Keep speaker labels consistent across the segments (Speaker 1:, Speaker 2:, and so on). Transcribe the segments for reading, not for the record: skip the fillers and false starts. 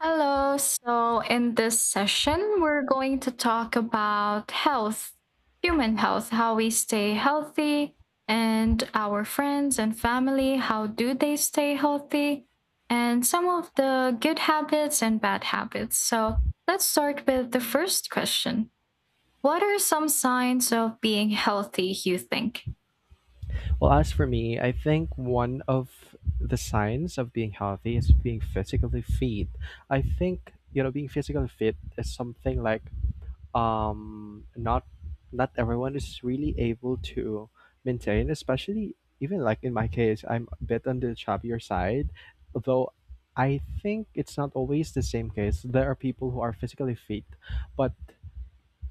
Speaker 1: Hello. So, in this session, we're going to talk about health, human health, how we stay healthy, and our friends and family, how do they stay healthy, and some of the good habits and bad habits. So, let's start with the first question. What are some signs of being healthy, you think?
Speaker 2: Well, as for me, I think one of the signs of being healthy is being physically fit. I think, you know, being physically fit is something like um not not everyone is really able to maintain, especially even like in my case, I'm a bit on the chubbier side, though I think it's not always the same case. There are people who are physically fit, but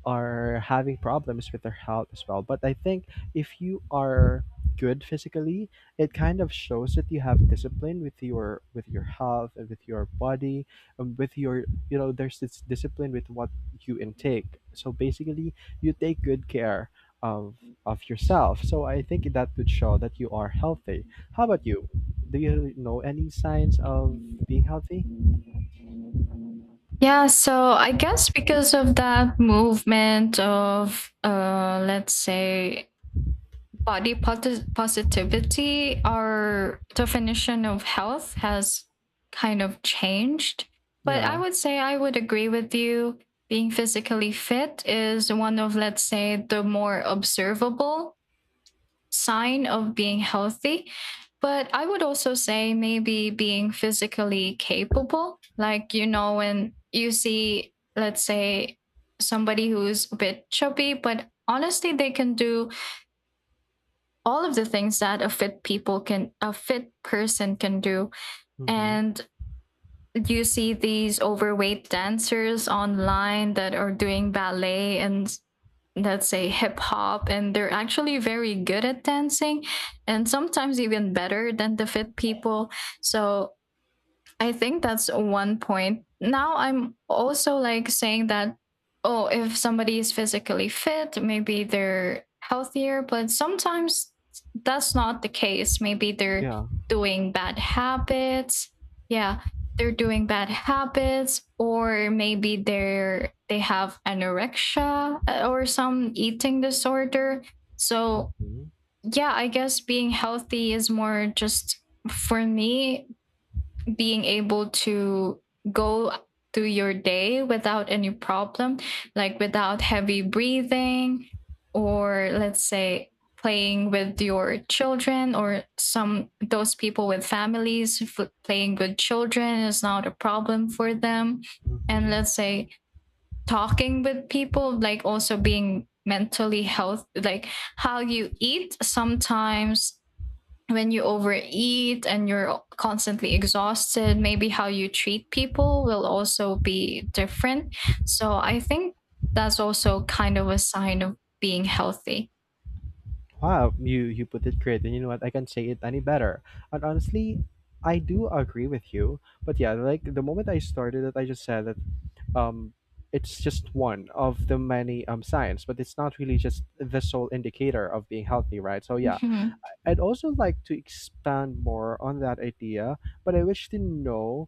Speaker 2: are having problems with their health as well. But I think if you are good physically, it kind of shows that you have discipline with your health and with your body and with your, you know, there's this discipline with what you intake. So basically, you take good care of of yourself. So I think that would show that you are healthy. How about you? Do you know any signs of being healthy?
Speaker 1: Yeah, so I guess because of that movement of, let's say, positivity, our definition of health has kind of changed. But I
Speaker 2: Yeah.
Speaker 1: would say I would agree with you. Being physically fit is one of, let's say, the more observable sign of being healthy. But I would also say maybe being physically capable. Like, you know, when you see, let's say, somebody who's a bit chubby, but honestly, they can do all of the things that a fit person can do,
Speaker 2: Mm-hmm.
Speaker 1: and you see these overweight dancers online that are doing ballet and, let's say, hip hop, and they're actually very good at dancing and sometimes even better than the fit people. So I think that's one point. Now I'm also like saying that, oh, if somebody is physically fit, maybe they're healthier, but sometimes that's not the case. Maybe they're
Speaker 2: Yeah.
Speaker 1: doing bad habits. Yeah, they're doing bad habits, or maybe they have anorexia, or some eating disorder. So
Speaker 2: Mm-hmm.
Speaker 1: yeah, I guess being healthy is more just, for me, being able to go through your day without any problem, like without heavy breathing, or, let's say, playing with your children, or some those people with families playing with children is not a problem for them, and,
Speaker 2: Mm-hmm.
Speaker 1: let's say, talking with people, like also being mentally healthy, like how you eat sometimes, when you overeat and you're constantly exhausted, maybe how you treat people will also be different. So I think that's also kind of a sign of being healthy.
Speaker 2: Wow, you put it great, and you know what? I can't say it any better. And honestly, I do agree with you. But yeah, like the moment I started it, I just said that um, it's just one of the many signs, but it's not really just the sole indicator of being healthy, right? So yeah,
Speaker 1: Mhm.
Speaker 2: I'd also like to expand more on that idea, but I wish to know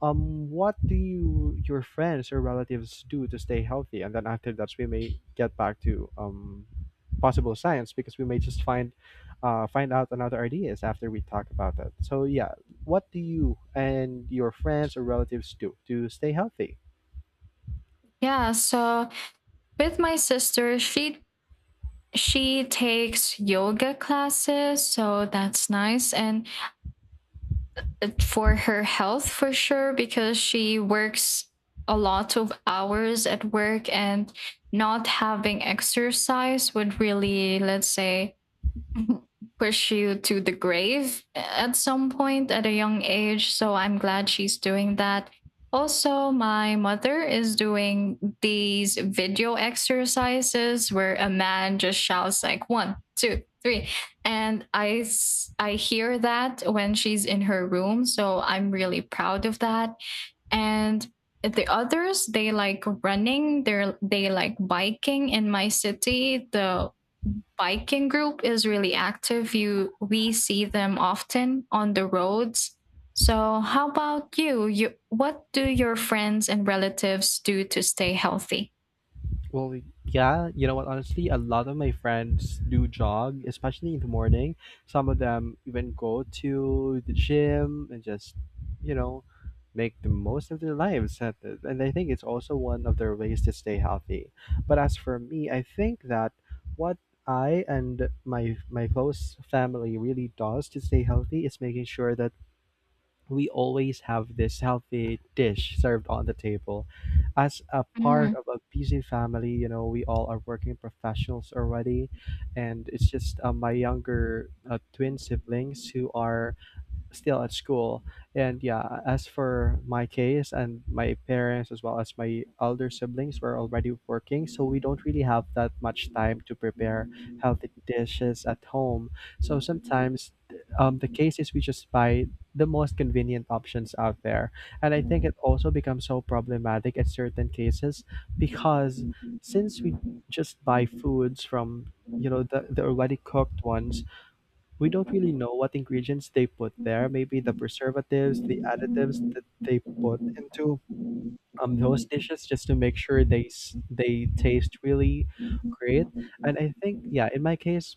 Speaker 2: what do you your friends or relatives do to stay healthy, and then after that we may get back to possible science because we may just find find out another ideas after we talk about that. So yeah, what do you and your friends or relatives do to stay healthy?
Speaker 1: Yeah. So with my sister, she takes yoga classes, so that's nice and for her health for sure, because she works a lot of hours at work, and not having exercise would, really, let's say, push you to the grave at some point at a young age. So I'm glad she's doing that. Also, my mother is doing these video exercises where a man just shouts like one, two, three, and I hear that when she's in her room. So I'm really proud of that. And the others, they like running, they like biking. In my city, the biking group is really active. You We see them often on the roads. So how about you? What do your friends and relatives do to stay healthy?
Speaker 2: Well, yeah, you know what? Honestly, a lot of my friends do jog, especially in the morning. Some of them even go to the gym and just, you know, make the most of their lives. At And I think it's also one of their ways to stay healthy. But as for me, I think that what I and my close family really does to stay healthy is making sure that we always have this healthy dish served on the table. As a part
Speaker 1: Mm.
Speaker 2: of a busy family, you know, we all are working professionals already. And it's just my younger twin siblings who are still at school. And yeah, as for my case and my parents as well as my elder siblings were already working, so we don't really have that much time to prepare healthy dishes at home. So sometimes the case is we just buy the most convenient options out there. And I think it also becomes so problematic at certain cases because since we just buy foods from, you know, the already cooked ones, we don't really know what ingredients they put there. Maybe the preservatives, the additives that they put into those dishes just to make sure they taste really great. And I think, yeah, in my case,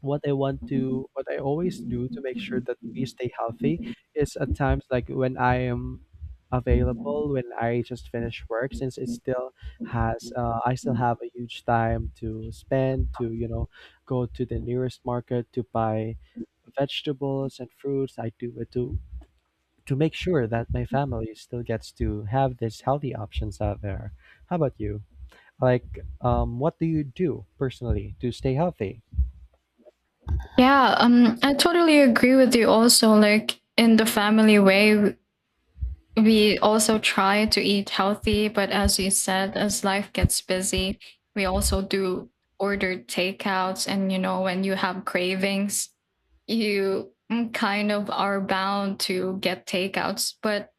Speaker 2: what I always do to make sure that we stay healthy is at times like when I am available, when I just finish work, since I still have a huge time to spend to, you know, go to the nearest market to buy vegetables and fruits. I do it to make sure that my family still gets to have these healthy options out there. How about you? Like, what do you do personally to stay healthy?
Speaker 1: Yeah, I totally agree with you also. Like in the family way, we also try to eat healthy, but as you said, as life gets busy, we also do order takeouts. And, you know, when you have cravings, you kind of are bound to get takeouts. But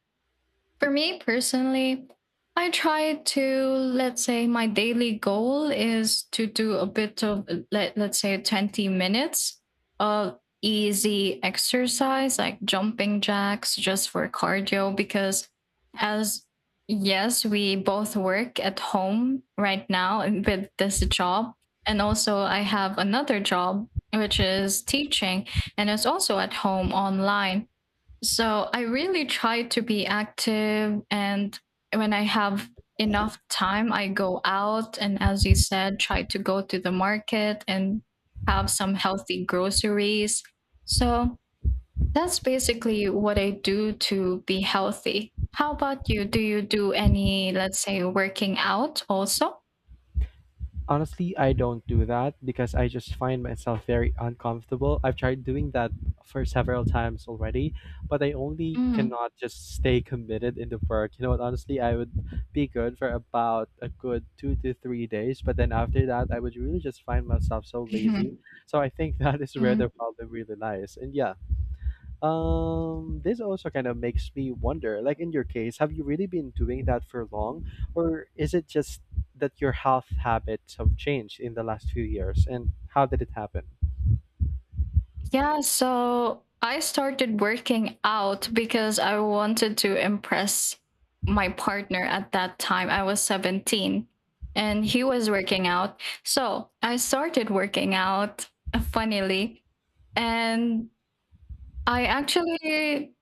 Speaker 1: for me personally, I try to, let's say, my daily goal is to do a bit of, let's say, 20 minutes of easy exercise like jumping jacks just for cardio. Because, as, yes, we both work at home right now and with this job. And also, I have another job, which is teaching, and it's also at home online. So I really try to be active. And when I have enough time, I go out and, as you said, try to go to the market and have some healthy groceries. So that's basically what I do to be healthy. How about you? Do you do any, let's say, working out also?
Speaker 2: Honestly, I don't do that because I just find myself very uncomfortable. I've tried doing that for several times already, but I only
Speaker 1: Mm.
Speaker 2: cannot just stay committed in the work. You know what? Honestly, I would be good for about a good 2 to 3 days, but then after that, I would really just find myself so lazy.
Speaker 1: Mhm.
Speaker 2: So I think that is where the
Speaker 1: Mm.
Speaker 2: problem really lies. And yeah, this also kind of makes me wonder, like in your case, have you really been doing that for long, or is it just that your health habits have changed in the last few years, and how did it happen?
Speaker 1: Yeah, so I started working out because I wanted to impress my partner at that time. I was 17 and he was working out. So I started working out, funnily, and I actually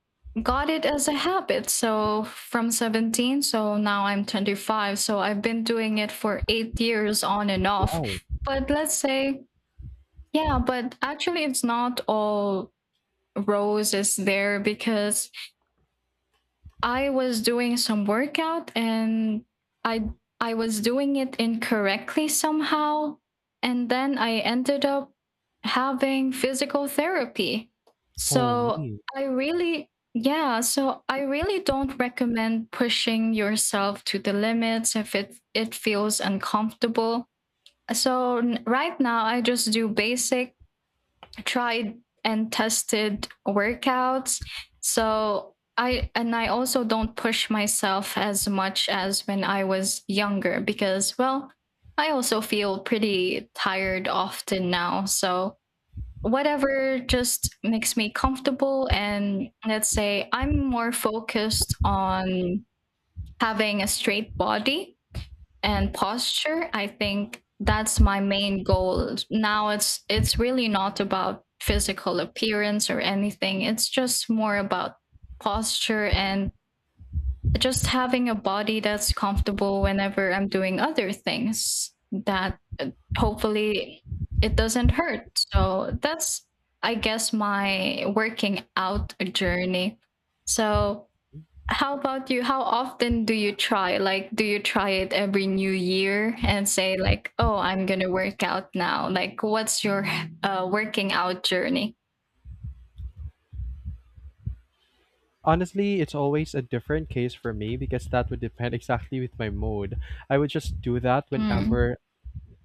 Speaker 1: got it as a habit. So from 17, so now I'm 25. So I've been doing it for 8 years on and off.
Speaker 2: Wow.
Speaker 1: But let's say, yeah, but actually, it's not all Rose is there, because I was doing some workout and I I was doing it incorrectly somehow, and then I ended up having physical therapy.
Speaker 2: Oh,
Speaker 1: So
Speaker 2: me.
Speaker 1: I really, yeah, so I really don't recommend pushing yourself to the limits if it feels uncomfortable. So right now I just do basic, tried and tested workouts. So I, and I also don't push myself as much as when I was younger, because, well, I also feel pretty tired often now. So whatever just makes me comfortable, and, let's say, I'm more focused on having a straight body and posture. I think that's my main goal now. It's really not about physical appearance or anything. It's just more about posture and just having a body that's comfortable whenever I'm doing other things, that, hopefully, it doesn't hurt. So that's, I guess, my working out journey. So how about you? How often do you try? Like, do you try it every new year and say, like, oh, I'm going to work out now? Like, what's your working out journey?
Speaker 2: Honestly, it's always a different case for me because that would depend exactly with my mood. I would just do that
Speaker 1: Mm.
Speaker 2: whenever,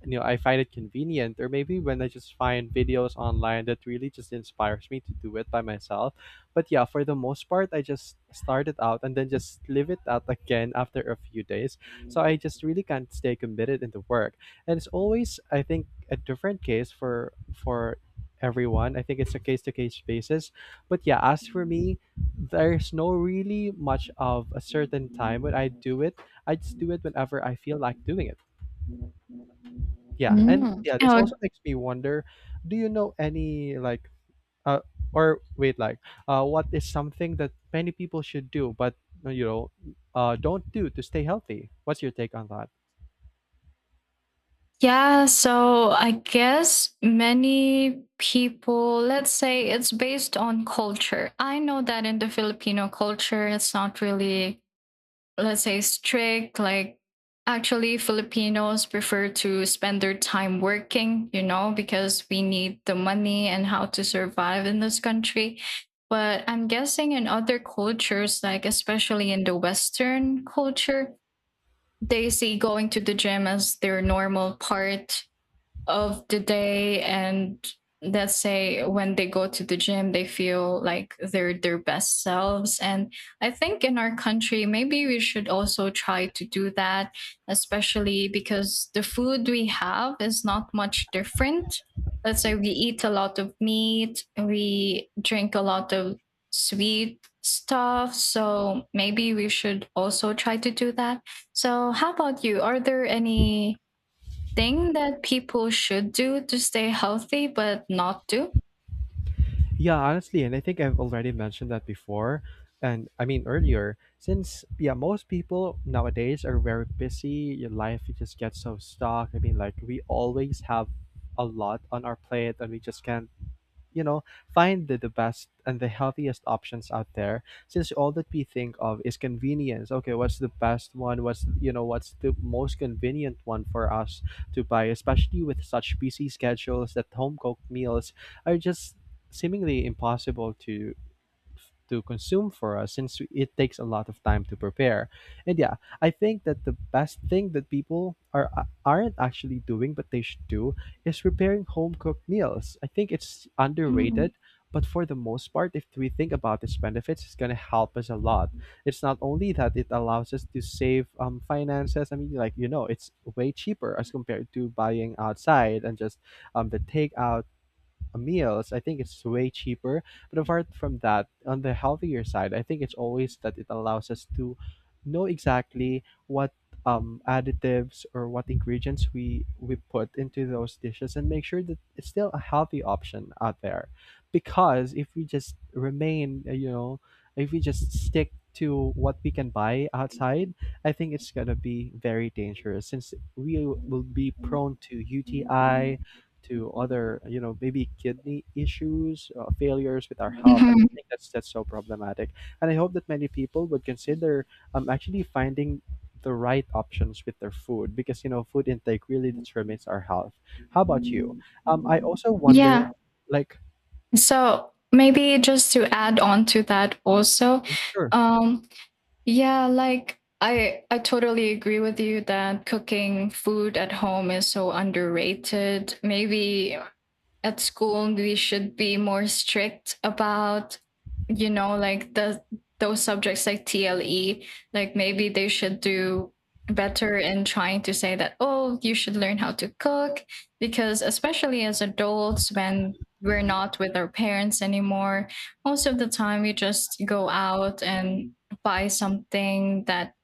Speaker 2: you know, I find it convenient, or maybe when I just find videos online that really just inspires me to do it by myself. But yeah, for the most part, I just start it out and then just leave it out again after a few days. So I just really can't stay committed into work, and it's always, I think, a different case for everyone. I think it's a case to case basis. But yeah, as for me, there's no really much of a certain time when I do it. I just do it whenever I feel like doing it. Yeah, and
Speaker 1: Mm.
Speaker 2: yeah, this also
Speaker 1: Oh,
Speaker 2: makes me wonder, do you know any like uh or wait like what is something that many people should do but, uh, you know don't do to stay healthy? What's your take on that?
Speaker 1: yeah. So I guess many people, let's say it's based on culture. I know that in the Filipino culture, it's not really, let's say, strict. Like, actually, Filipinos prefer to spend their time working, you know, because we need the money and how to survive in this country. But I'm guessing in other cultures, like especially in the Western culture, they see going to the gym as their normal part of the day, and, let's say, when they go to the gym, they feel like they're their best selves. And I think in our country, maybe we should also try to do that, especially because the food we have is not much different. Let's say, we eat a lot of meat, we drink a lot of sweet stuff, so maybe we should also try to do that. So how about you? Are there any thing that people should do to stay healthy but not do?
Speaker 2: Yeah, honestly, and I think I've already mentioned that before and I mean earlier, since yeah, most people nowadays are very busy, your life it just gets so stuck. I mean, like, we always have a lot on our plate and we just can't, you know, find the best and the healthiest options out there, since all that we think of is convenience. Okay, what's the best one, what's, you know, what's the most convenient one for us to buy, especially with such busy schedules that home cooked meals are just seemingly impossible to consume for us since it takes a lot of time to prepare. And yeah, I think that the best thing that people are aren't actually doing but they should do is preparing home cooked meals. I think it's
Speaker 1: Mm.
Speaker 2: underrated, but for the most part, if we think about its benefits, it's gonna help us a lot. It's not only that it allows us to save finances. I mean, like, you know, it's way cheaper as compared to buying outside and just the takeout meals, I think it's way cheaper. But apart from that, on the healthier side, I think it's always that it allows us to know exactly what additives or what ingredients we put into those dishes and make sure that it's still a healthy option out there. Because if we just remain, you know, if we just stick to what we can buy outside, I think it's gonna be very dangerous since we will be prone to Mm. UTI, to other, you know, maybe kidney issues, failures with our health, and I
Speaker 1: Mhm.
Speaker 2: think that's so problematic. And I hope that many people would consider actually finding the right options with their food because, you know, food intake really determines our health. How about you? I also wonder,
Speaker 1: Yeah.
Speaker 2: like,
Speaker 1: So maybe just to add on to that also,
Speaker 2: Mm, sure,
Speaker 1: um, yeah, like I totally agree with you that cooking food at home is so underrated. Maybe at school we should be more strict about, you know, like the, those subjects like TLE, like maybe they should do better in trying to say that, oh, you should learn how to cook. Because especially as adults, when we're not with our parents anymore, most of the time we just go out and buy something that,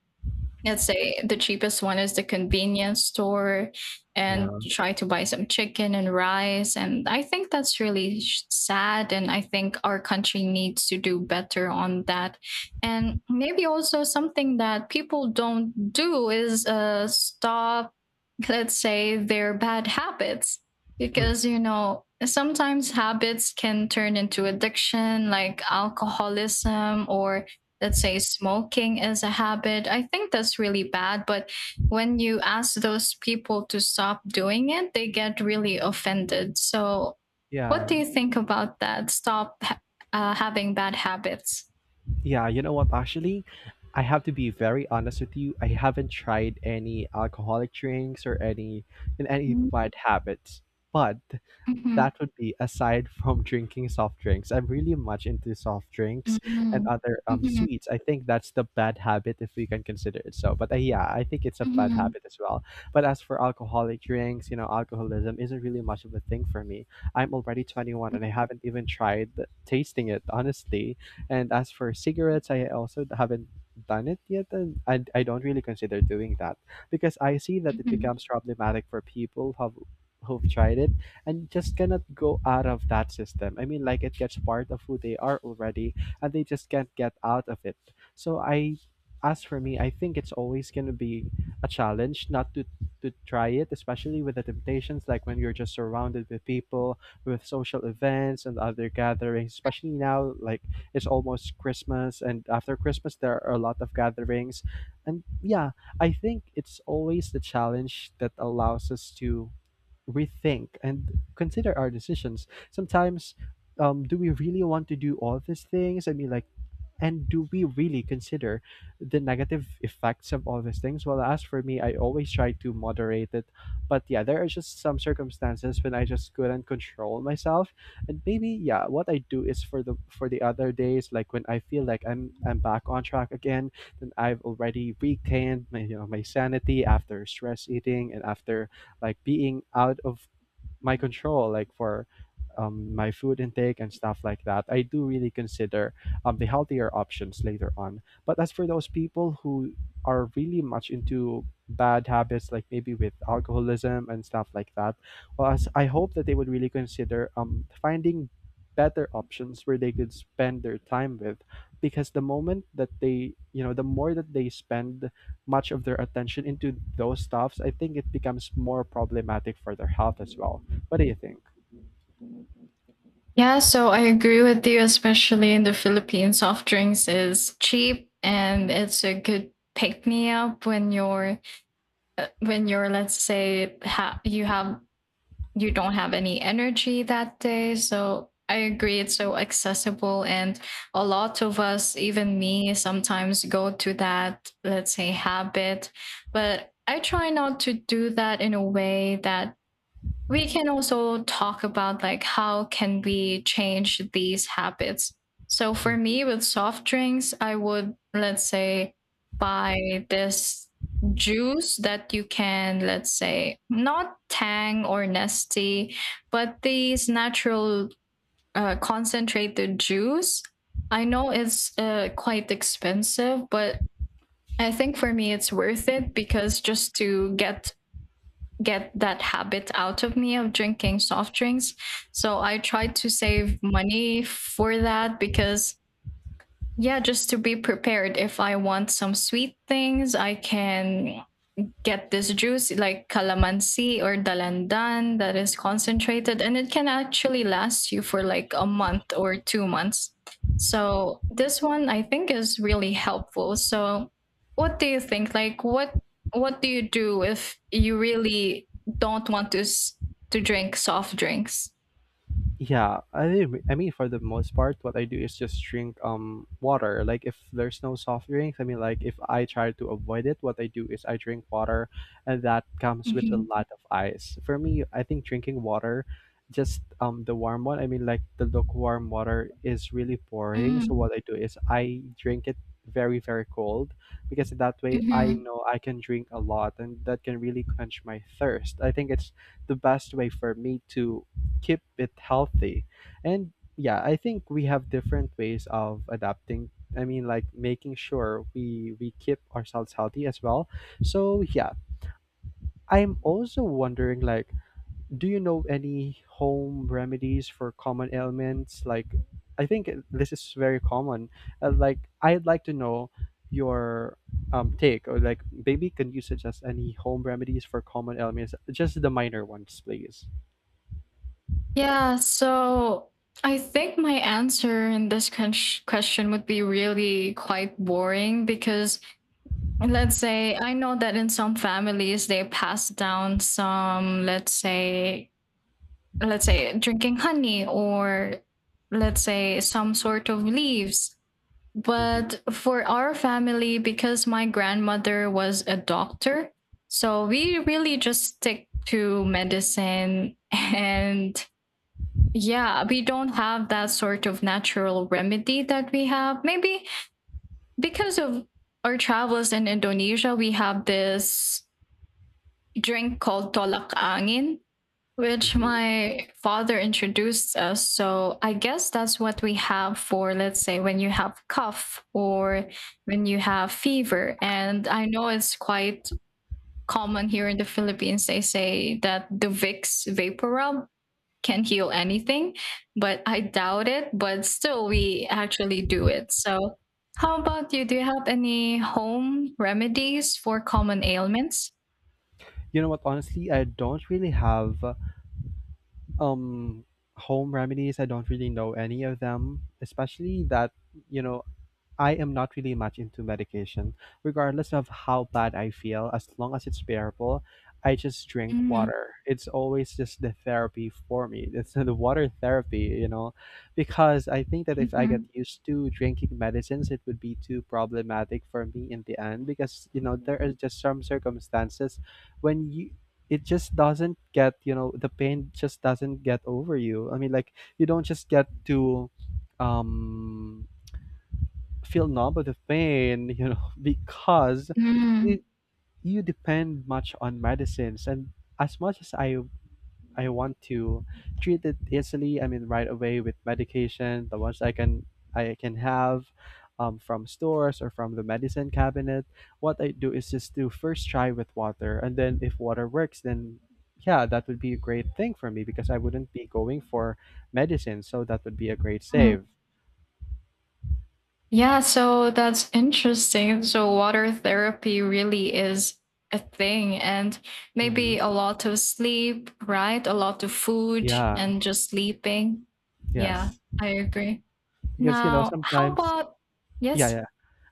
Speaker 1: let's say, the cheapest one is the convenience store,
Speaker 2: yeah,
Speaker 1: and try to buy some chicken and rice. And I think that's really sad. And I think our country needs to do better on that. And maybe also something that people don't do is, stop, let's say, their bad habits.
Speaker 2: Mm,
Speaker 1: Because, you know, sometimes habits can turn into addiction, like alcoholism, or that say smoking is a habit. I think that's really bad. But when you ask those people to stop doing it, they get really offended. So, what do
Speaker 2: yeah,
Speaker 1: you think about that? Stop having bad habits.
Speaker 2: yeah. You know what? Actually, I have to be very honest with you. I haven't tried any alcoholic drinks or any in any
Speaker 1: Mm-hmm.
Speaker 2: bad habits, but that would be aside from drinking soft drinks. I'm really much into soft drinks and
Speaker 1: Mm-hmm.
Speaker 2: other
Speaker 1: Mm-hmm.
Speaker 2: sweets. I think that's the bad habit if we can consider it so. But yeah, I think it's a bad
Speaker 1: Mm-hmm.
Speaker 2: habit as well. But as for alcoholic drinks, you know, alcoholism isn't really much of a thing for me. I'm already 21 and I haven't even tried tasting it honestly. And as for cigarettes, I also haven't done it yet and I don't really consider doing that because I see that it
Speaker 1: Mhm.
Speaker 2: becomes problematic for people who have who've tried it and you just cannot go out of that system. I mean, like, it gets part of who they are already, and they just can't get out of it. So I, as for me, I think it's always gonna be a challenge not to try it, especially with the temptations, like when you're just surrounded with people, with social events and other gatherings. Especially now, like, it's almost Christmas, and after Christmas there are a lot of gatherings, and yeah, I think it's always the challenge that allows us to rethink and consider our decisions. Sometimes, do we really want to do all these things? I mean, like, and do we really consider the negative effects of all these things? Well, as for me, I always try to moderate it. But yeah, there are just some circumstances when I just couldn't control myself. And maybe, yeah, what I do is for the other days, like when I feel like I'm back on track again, then I've already regained my you know my sanity after stress eating and after like being out of my control, like for my food intake and stuff like that, I do really consider the healthier options later on. But as for those people who are really much into bad habits, like maybe with alcoholism and stuff like that, well, as I hope that they would really consider finding better options where they could spend their time with, because the moment that they the more that they spend much of their attention into those stuffs, I think it becomes more problematic for their health as well. What do you think?
Speaker 1: Yeah, so I agree with you. Especially in the Philippines, soft drinks is cheap, and it's a good pick me up when you're, let's say, you have, you don't have any energy that day. So I agree, it's so accessible, and a lot of us, even me, sometimes go to that, let's say, habit. But I try not to do that. In a way that we can also talk about, like, how can we change these habits. So
Speaker 2: Hmm.
Speaker 1: for me, with soft drinks, I would, let's say, buy this juice that you can, let's say, not Tang or Nasty, but these natural, concentrated juice. I know it's, quite expensive, but I think for me it's worth it, because just to get that habit out of me of drinking soft drinks. So I tried to save money for that, because, yeah, just to be prepared. If I want some sweet things, I can get this juice like calamansi or dalandan that is concentrated, and it can actually last you for like a month or 2 months. So this one I think is really helpful. So what do you think? Like, what do you do if you really don't want to to drink soft drinks?
Speaker 2: Yeah, I mean, for the most part, what I do is just drink water. Like if there's no soft drinks, I mean, like if I try to avoid it, what I do is I drink water, and that comes with a
Speaker 1: Mhm.
Speaker 2: lot of ice. For me, I think drinking water, just the warm one. I mean, like the lukewarm water is really boring.
Speaker 1: Mm,
Speaker 2: So what I do is I drink it very very cold, because that way I
Speaker 1: mhm.
Speaker 2: know I can drink a lot, and that can really quench my thirst. I think it's the best way for me to keep it healthy. And yeah, I think we have different ways of adapting. I mean, like making sure we keep ourselves healthy as well. So yeah, I'm also wondering like, do you know any home remedies for common ailments? Like, I think this is very common. Like, I'd like to know your take, or like maybe can you suggest any home remedies for common ailments, just the minor ones, please?
Speaker 1: Yeah, so I think my answer in this question would be really quite boring. Because, and let's say, I know that in some families they pass down some, let's say, let's say, drinking honey, or, let's say, some sort of leaves.
Speaker 2: Mm-hmm.
Speaker 1: But for our family, because my grandmother was a doctor, so we really just stick to medicine and, yeah, we don't have that sort of natural remedy that we have. Maybe because of our travels in Indonesia, we have this drink called tolak angin, which
Speaker 2: Mm-hmm.
Speaker 1: my father introduced us. So I guess that's what we have for, let's say, when you have cough or when you have fever. And I know it's quite common here in the Philippines. They say that the Vicks vapor rub can heal anything, but I doubt it. But still, we actually do it. So, how about you? Do you have any home remedies for common ailments?
Speaker 2: You know what? Honestly, I don't really have um home remedies. I don't really know any of them, especially that, you know, I am not really much into medication, regardless of how bad I feel, as long as it's bearable. I just drink water. It's always just the therapy for me. It's the water therapy, because I think that if I get
Speaker 1: Mm-hmm.
Speaker 2: used to drinking medicines, it would be too problematic for me in the end, because, there are just some circumstances when you, it just doesn't get, the pain just doesn't get over you. I mean, like you don't just get to um feel numb of the pain, because you,
Speaker 1: Mm,
Speaker 2: you depend much on medicines. And as much as I want to treat it easily, I mean right away with medication, the ones I can have from stores or from the medicine cabinet. What I do is just to first try with water, and then if water works, then yeah, that would be a great thing for me because I wouldn't be going for medicine, so that would be a great
Speaker 1: mm.
Speaker 2: save.
Speaker 1: Yeah, so that's interesting. So water therapy really is a thing and
Speaker 2: Hmm.
Speaker 1: maybe a lot of sleep, right? A lot of food
Speaker 2: Yeah.
Speaker 1: and just sleeping. Yeah,
Speaker 2: Yes.
Speaker 1: I agree.
Speaker 2: Because
Speaker 1: Now, how
Speaker 2: sometimes,
Speaker 1: about
Speaker 2: yeah,
Speaker 1: yes?
Speaker 2: yeah,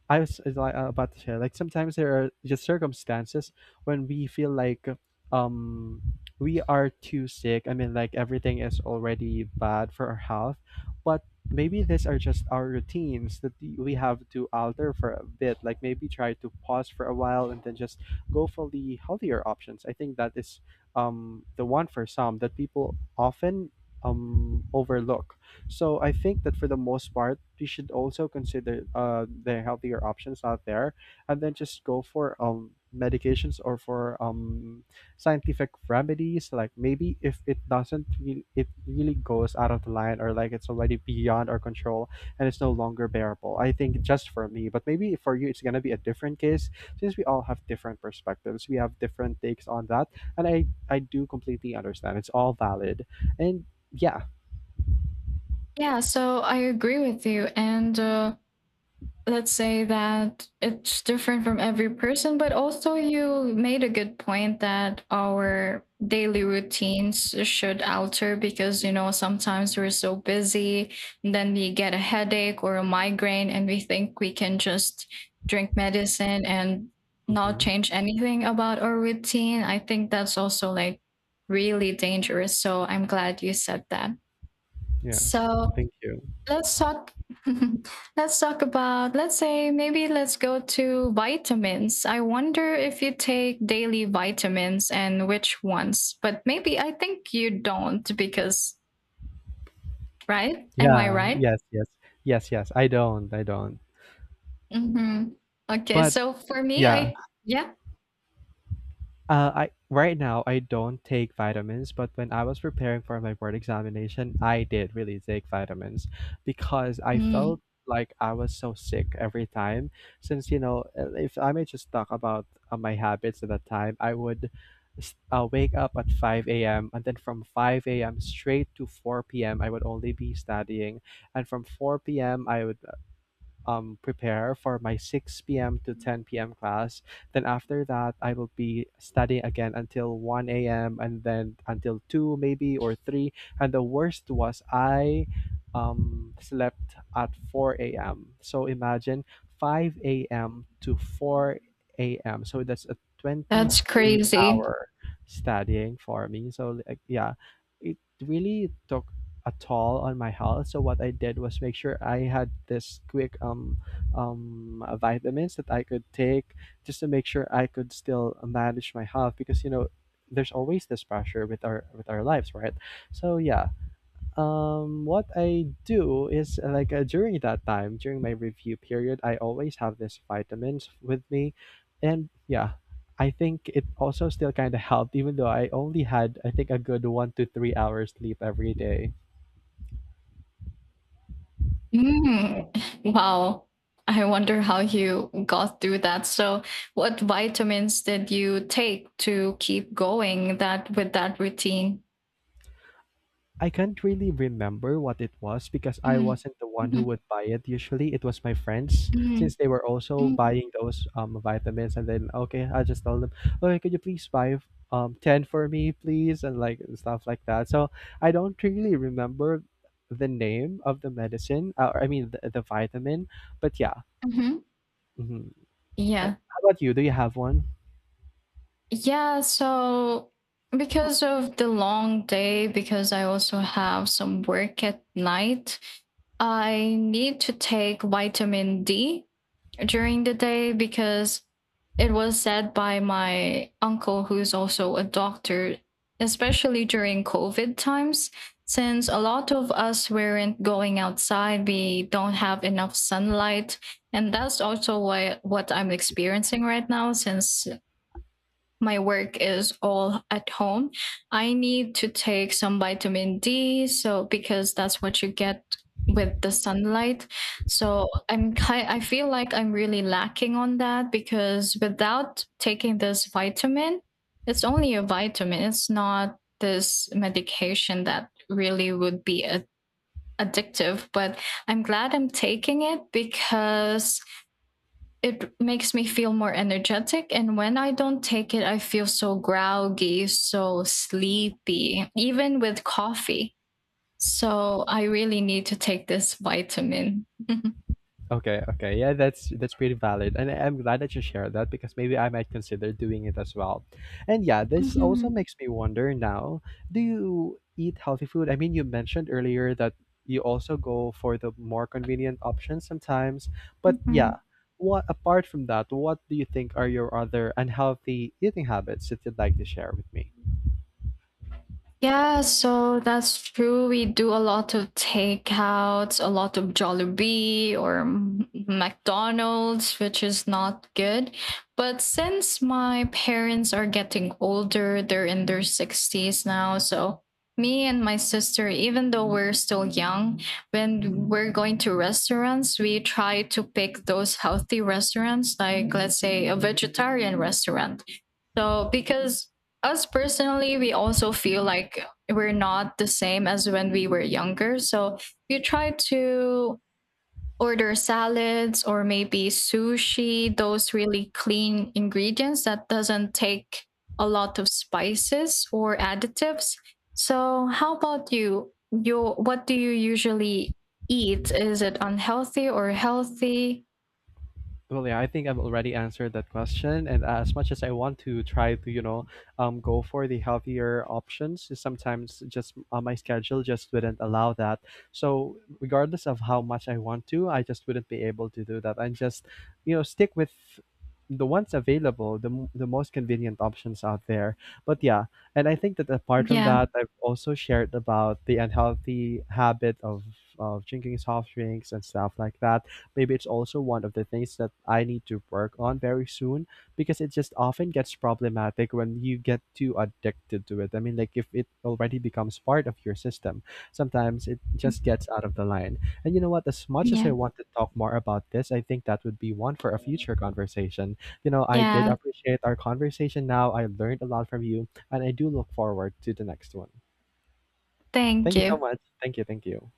Speaker 2: I was is like, about to share, like sometimes there are just circumstances when we feel like um we are too sick. I mean, like everything is already bad for our health, but maybe these are just our routines that we have to alter for a bit, like maybe try to pause for a while and then just go for the healthier options. I think that is the one for some that people often overlook. So I think that for the most part, we should also consider the healthier options out there, and then just go for medications or for scientific remedies. Like maybe if it doesn't, it really goes out of the line, or like it's already beyond our control and it's no longer bearable. I think just for me, but maybe for you, it's gonna be a different case, since we all have different perspectives. We have different takes on that, and I do completely understand. It's all valid, and yeah.
Speaker 1: Yeah, so I agree with you. And let's say that it's different from every person, but also you made a good point that our daily routines should alter, because you know sometimes we're so busy and then we get a headache or a migraine and we think we can just drink medicine and not
Speaker 2: Mhm.
Speaker 1: change anything about our routine. I think that's also like really dangerous, so I'm glad you said that.
Speaker 2: Yeah.
Speaker 1: So
Speaker 2: Thank you.
Speaker 1: let's talk let's talk about, let's say, maybe let's go to vitamins. I wonder if you take daily vitamins and which ones. But maybe I think you don't because, right? Am I
Speaker 2: Yeah.
Speaker 1: right?
Speaker 2: Yes. Yes. Yes. Yes. I don't. I don't.
Speaker 1: Mhm. Okay,
Speaker 2: But
Speaker 1: so for me
Speaker 2: yeah.
Speaker 1: I yeah.
Speaker 2: I right now I don't take vitamins, but when I was preparing for my board examination, I did really take vitamins because I
Speaker 1: Mm,
Speaker 2: felt like I was so sick every time. Since if I may just talk about my habits at that time, I would wake up at 5 a.m., and then from 5 a.m. straight to 4 p.m. I would only be studying, and from 4 p.m. I would prepare for my 6 p.m. to 10 p.m. class. Then after that, I will be studying again until 1 a.m., and then until 2 maybe or 3. And the worst was I slept at 4 a.m. So imagine 5 a.m. to 4 a.m. So that's a
Speaker 1: that's
Speaker 2: 23
Speaker 1: crazy.
Speaker 2: hour studying for me. So like, yeah, it really took at all on my health. So what I did was make sure I had this quick vitamins that I could take, just to make sure I could still manage my health, because there's always this pressure with our lives, right? So yeah, what I do is like, during that time, during my review period, I always have this vitamins with me, and yeah, I think it also still kind of helped, even though I only had, I think, a good 1 to 3 hours sleep every day.
Speaker 1: Mm, wow. I wonder how you got through that. So, what vitamins did you take to keep going that with that routine?
Speaker 2: I can't really remember what it was because I
Speaker 1: Mm,
Speaker 2: wasn't the one who
Speaker 1: mhm,
Speaker 2: would buy it. Usually, it was my friends
Speaker 1: mm,
Speaker 2: since they were also
Speaker 1: mm,
Speaker 2: buying those vitamins. And then, okay, I just told them, okay, could you please buy ten for me, please, and like stuff like that. So I don't really remember the name of the medicine, or I mean the vitamin. But yeah,
Speaker 1: mhm.
Speaker 2: hmm
Speaker 1: Yeah.
Speaker 2: how about you? Do you have one?
Speaker 1: Yeah, so because of the long day, because I also have some work at night, I need to take vitamin D during the day because it was said by my uncle, who's also a doctor, especially during COVID times, since a lot of us weren't going outside, we don't have enough sunlight. And that's also why, what I'm experiencing right now, since my work is all at home, I need to take some vitamin D. So because that's what you get with the sunlight. So I'm I feel like I'm really lacking on that, because without taking this vitamin, it's only a vitamin. It's not this medication that really would be addictive, but I'm glad I'm taking it because it makes me feel more energetic, and when I don't take it I feel so groggy, so sleepy, even with coffee. So I really need to take this vitamin.
Speaker 2: Okay, okay. Yeah, that's pretty valid. And I'm glad that you shared that, because maybe I might consider doing it as well. And yeah, this also makes me wonder now, do you eat healthy food? I mean, you mentioned earlier that you also go for the more convenient options sometimes, but
Speaker 1: Mm-hmm.
Speaker 2: yeah, what apart from that, what do you think are your other unhealthy eating habits that you'd like to share with me?
Speaker 1: Yeah, so that's true. We do a lot of takeouts, a lot of Jollibee or McDonald's, which is not good. But since my parents are getting older, they're in their 60s now. So me and my sister, even though we're still young, when we're going to restaurants, we try to pick those healthy restaurants, like let's say a vegetarian restaurant. So, because us personally, we also feel like we're not the same as when we were younger. So, you try to order salads or maybe sushi, those really clean ingredients that doesn't take a lot of spices or additives. So, how about you? You what do you usually eat? Is it unhealthy or healthy?
Speaker 2: Well, yeah, I think I've already answered that question. And as much as I want to try to, go for the healthier options, sometimes just my schedule just wouldn't allow that. So, regardless of how much I want to, I just wouldn't be able to do that. I just, stick with the ones available, the most convenient options out there. But yeah, and I think that apart from
Speaker 1: Yeah.
Speaker 2: that, I've also shared about the unhealthy habit of, drinking soft drinks and stuff like that. Maybe it's also one of the things that I need to work on very soon, because it just often gets problematic when you get too addicted to it. I mean, like if it already becomes part of your system, sometimes it just gets out of the line. And you know what? As much as I
Speaker 1: Yeah.
Speaker 2: want to talk more about this, I think that would be one for a future conversation. You know, I did
Speaker 1: Yeah.
Speaker 2: appreciate our conversation now. I learned a lot from you, and I do look forward to the next one.
Speaker 1: Thank
Speaker 2: Thank you so
Speaker 1: you.
Speaker 2: much. Thank you. Thank you.